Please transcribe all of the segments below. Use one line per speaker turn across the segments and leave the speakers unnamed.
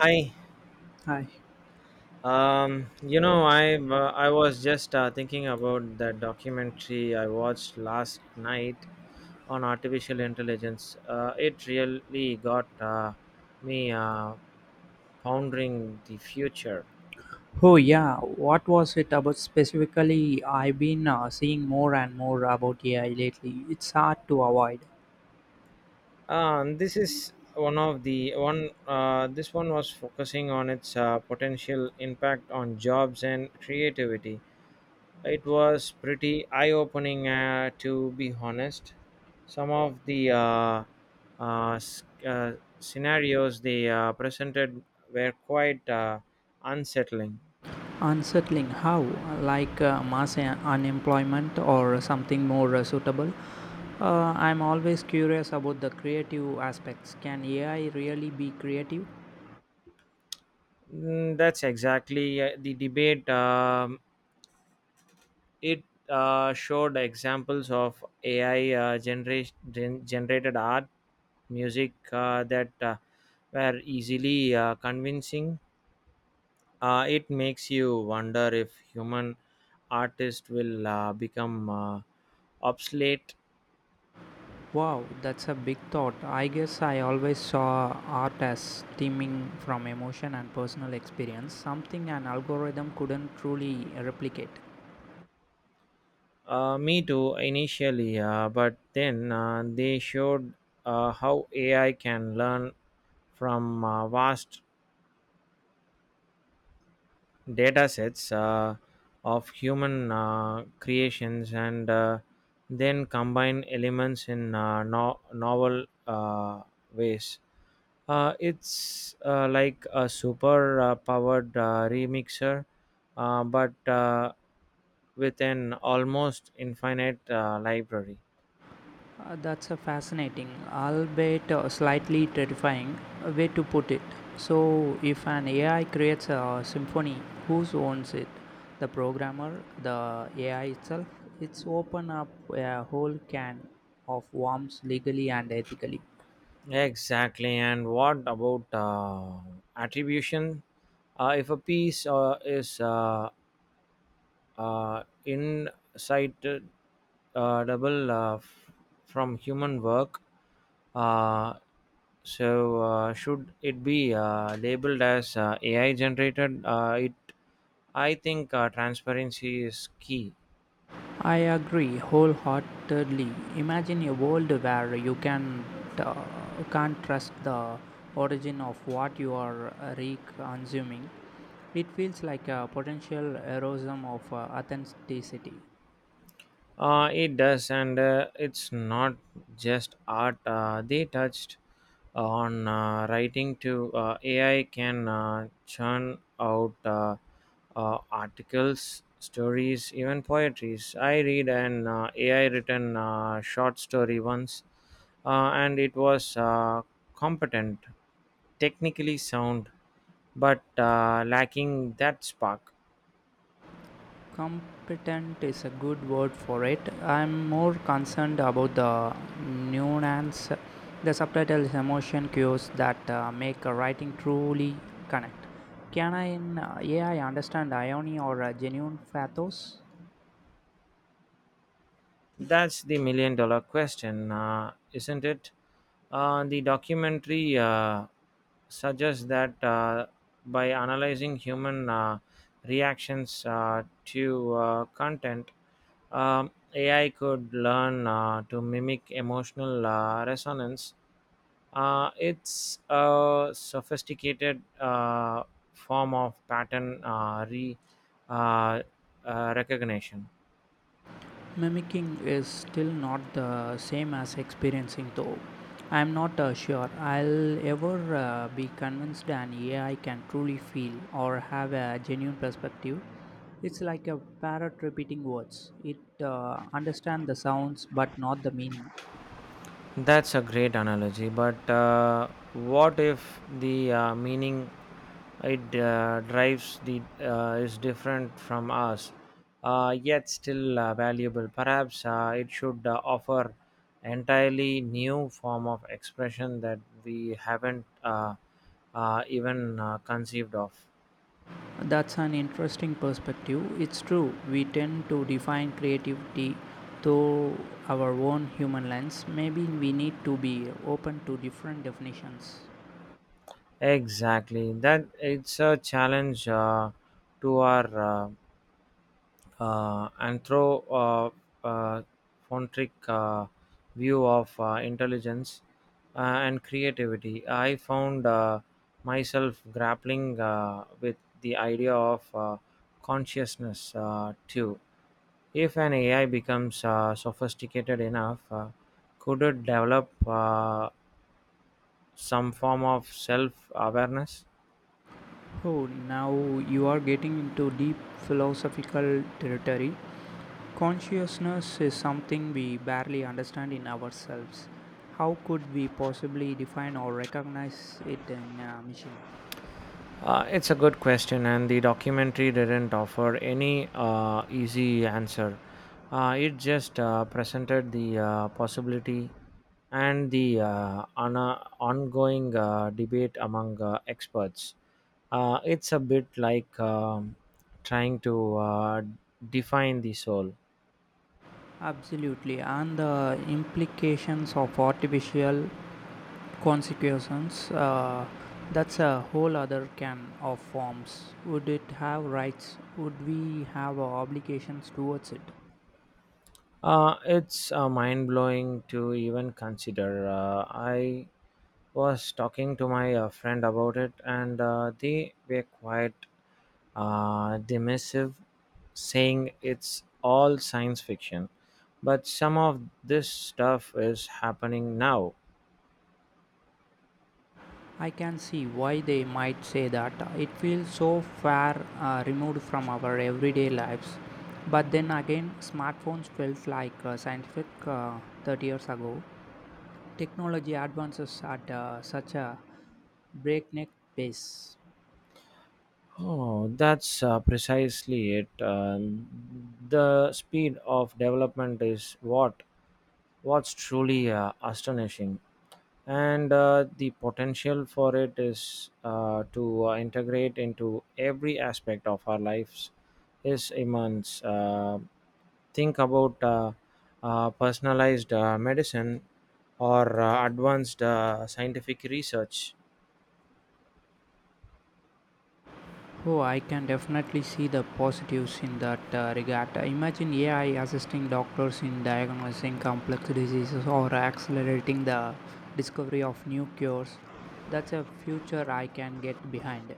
Hi.
Hi.
I was just thinking about that documentary I watched last night on artificial intelligence. It really got me pondering the future.
Oh yeah, what was it about specifically? I've been seeing more and more about AI lately. It's hard to avoid.
This is one of the one. This one was focusing on its potential impact on jobs and creativity. It was pretty eye opening, to be honest. Some of the uh, s- uh, scenarios they presented were quite unsettling.
Unsettling how? Like mass unemployment or something more suitable? I'm always curious about the creative aspects. Can AI really be creative?
Mm, that's exactly the debate. It showed examples of AI generated art, music that were easily convincing. It makes you wonder if human artists will become obsolete.
Wow, that's a big thought. I guess I always saw art as stemming from emotion and personal experience, something an algorithm couldn't truly replicate.
Me too, initially, but then they showed how AI can learn from vast data sets of human creations and then combine elements in novel ways. It's like a super powered remixer, but with an almost infinite library.
That's a fascinating, albeit slightly terrifying, way to put it. So, if an AI creates a symphony, who owns it? The programmer, the AI itself? It's open up a whole can of worms legally and ethically.
Exactly. And what about attribution? If a piece is insight double from human work. Uh, so, should it be labeled as AI generated? It I think transparency is key.
I agree wholeheartedly. Imagine a world where you uh, can't trust the origin of what you are re-consuming. It feels like a potential erosion of authenticity.
It does, and it's not just art. They touched on writing to AI can churn out articles, stories, even poetries. I read an AI written short story once, and it was competent, technically sound, but lacking that spark.
Competent is a good word for it. I'm more concerned about the nuance, the subtitle is emotion cues that make a writing truly connect. Can I in ai understand irony or a genuine pathos?
That's the million dollar question, isn't it? The documentary suggests that by analyzing human reactions to content, AI could learn to mimic emotional resonance. It's a sophisticated form of pattern uh, recognition.
Mimicking is still not the same as experiencing, though. I'm not sure I'll ever be convinced an AI can truly feel or have a genuine perspective. It's like a parrot repeating words. It understands the sounds but not the meaning.
That's a great analogy, but what if the meaning it drives the is different from us, yet still valuable? Perhaps it should offer entirely new form of expression that we haven't even conceived of.
That's an interesting perspective. It's true, we tend to define creativity through our own human lens. Maybe we need to be open to different definitions.
Exactly, that it's a challenge to our anthropomorphic uh, uh, uh, view of intelligence and creativity. I found myself grappling with the idea of consciousness too. If an AI becomes sophisticated enough, could it develop some form of self awareness?
Oh, now you are getting into deep philosophical territory. Consciousness is something we barely understand in ourselves. How could we possibly define or recognize it in a machine?
It's a good question, and the documentary didn't offer any easy answer. It just presented the possibility and the ongoing debate among experts. It's a bit like trying to define the soul.
Absolutely, and the implications of artificial consequences. That's a whole other can of worms. Would it have rights? Would we have obligations towards it?
It's mind blowing to even consider. I was talking to my friend about it, and they were quite dismissive, saying it's all science fiction. But some of this stuff is happening now.
I can see why they might say that. It feels so far removed from our everyday lives. But then again, smartphones felt like scientific 30 years ago. Technology advances at such a breakneck pace.
Oh, that's precisely it. The speed of development is what's truly astonishing, and the potential for it is to integrate into every aspect of our lives is immense. Think about personalized medicine or advanced scientific research.
Oh, I can definitely see the positives in that regard. Imagine AI assisting doctors in diagnosing complex diseases or accelerating the discovery of new cures. That's a future I can get behind.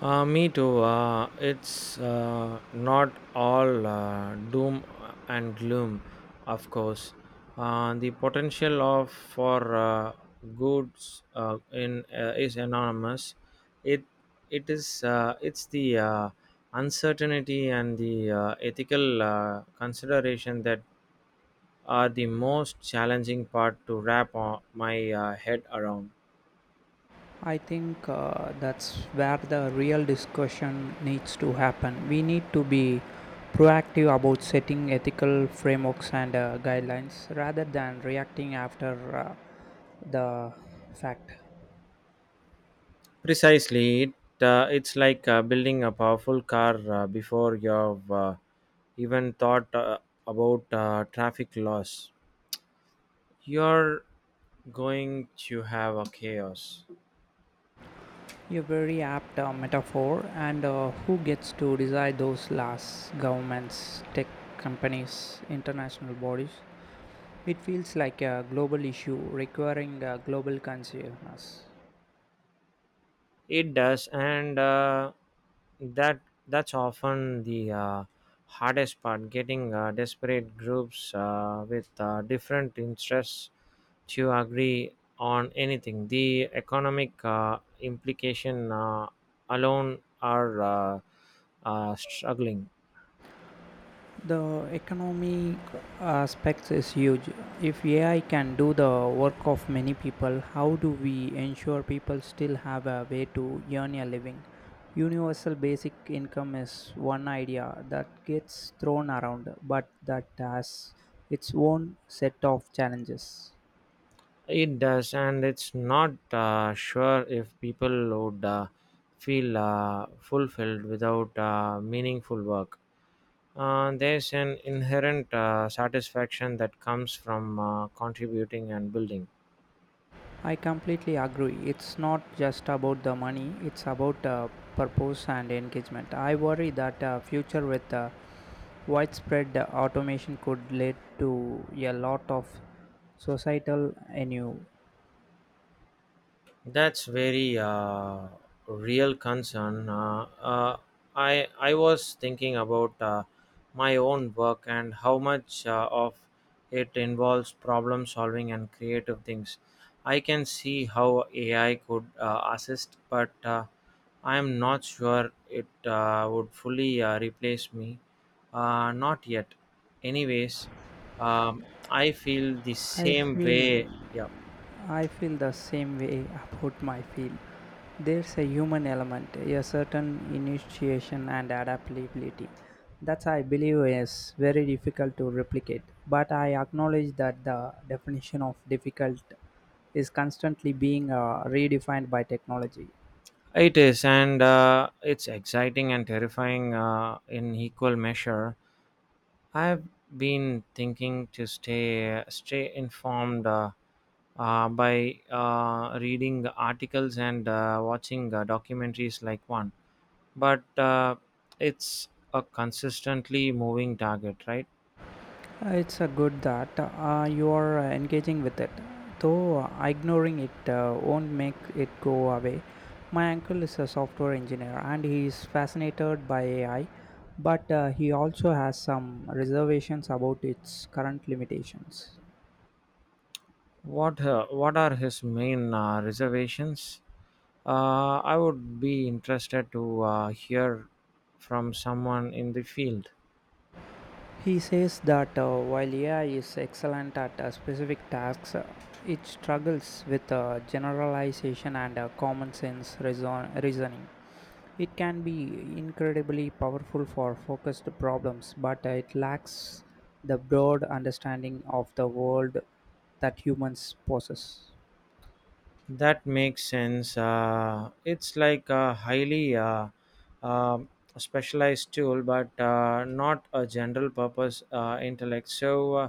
Me too. It's not all doom and gloom, of course. The potential of for goods in is enormous. It it's the uncertainty and the ethical consideration that are the most challenging part to wrap my head around.
I think that's where the real discussion needs to happen. We need to be proactive about setting ethical frameworks and guidelines rather than reacting after the fact.
Precisely, it's like building a powerful car before you've even thought about traffic laws. You're going to have a chaos.
A very apt metaphor, and who gets to decide those laws? Governments, tech companies, international bodies. It feels like a global issue requiring global consciousness.
It does, and that that's often the hardest part getting desperate groups with different interests to agree on anything. The economic implication alone are struggling.
The economic aspects is huge. If AI can do the work of many people, how do we ensure people still have a way to earn a living? Universal basic income is one idea that gets thrown around, but that has its own set of challenges.
It does, and it's not sure if people would feel fulfilled without meaningful work. There's an inherent satisfaction that comes from contributing and building.
I completely agree. It's not just about the money, it's about purpose and engagement. I worry that future with widespread automation could lead to a lot of societal ennui.
That's very real concern. I was thinking about my own work and how much of it involves problem solving and creative things. I can see how AI could assist, but I am not sure it would fully replace me. Not yet. Anyways, I feel the
I
same
feel
way. Yeah.
I feel the same way about my field. There's a human element, a certain initiation and adaptability that I believe is very difficult to replicate. But I acknowledge that the definition of difficult is constantly being redefined by technology.
It is, and it's exciting and terrifying in equal measure. I've been thinking to stay informed by reading articles and watching documentaries like one, but it's a consistently moving target, right?
It's good that you are engaging with it, though ignoring it won't make it go away. My uncle is a software engineer and he is fascinated by AI, but he also has some reservations about its current limitations.
What are his main reservations? I would be interested to hear from someone in the field.
He says that while AI is excellent at specific tasks, it struggles with generalization and common sense reasoning. It can be incredibly powerful for focused problems, but it lacks the broad understanding of the world that humans possess.
That makes sense. It's like a highly um specialized tool, but not a general purpose intellect. So uh,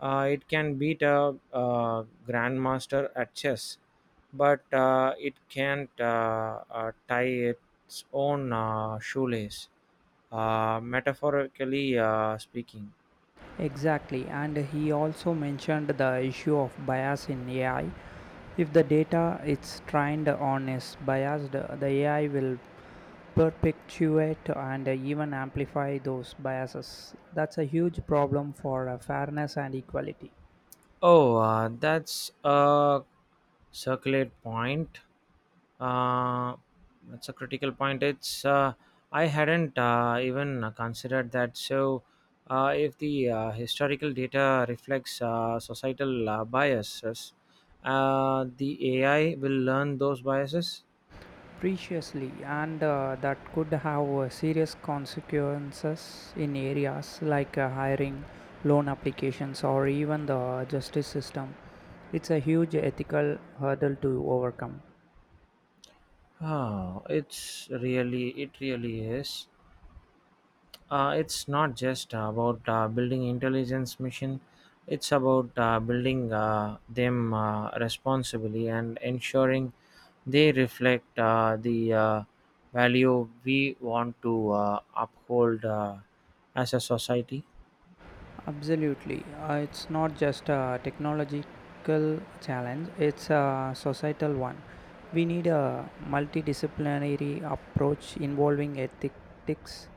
uh, it can beat a grandmaster at chess, but it can't tie its own shoelace, metaphorically speaking.
Exactly, and he also mentioned the issue of bias in AI. If the data it's trained on is biased, the AI will perpetuate and even amplify those biases. That's a huge problem for fairness and equality.
Oh, that's a circulate point. Uh, that's a critical point. It's I hadn't even considered that. So, if the historical data reflects societal biases, the AI will learn those biases.
Preciously and that could have serious consequences in areas like hiring, loan applications, or even the justice system. It's a huge ethical hurdle to overcome.
Oh, it really is. It's not just about building intelligence mission. It's about building them responsibly and ensuring they reflect the value we want to uphold as a society.
Absolutely. It's not just a technological challenge, it's a societal one. We need a multidisciplinary approach involving ethics,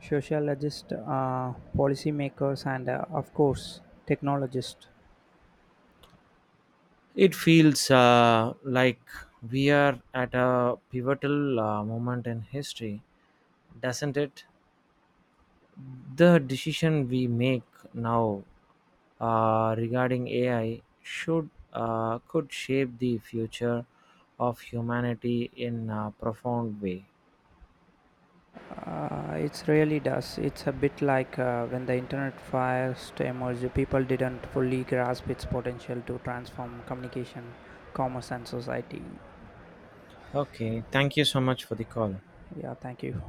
sociologists, policymakers, and of course, technologists.
It feels like we are at a pivotal moment in history, doesn't it? The decision we make now regarding AI should could shape the future of humanity in a profound way.
It really does. It's a bit like when the internet first emerged, people didn't fully grasp its potential to transform communication, commerce, and society.
Okay, thank you so much for the call.
Yeah, thank you.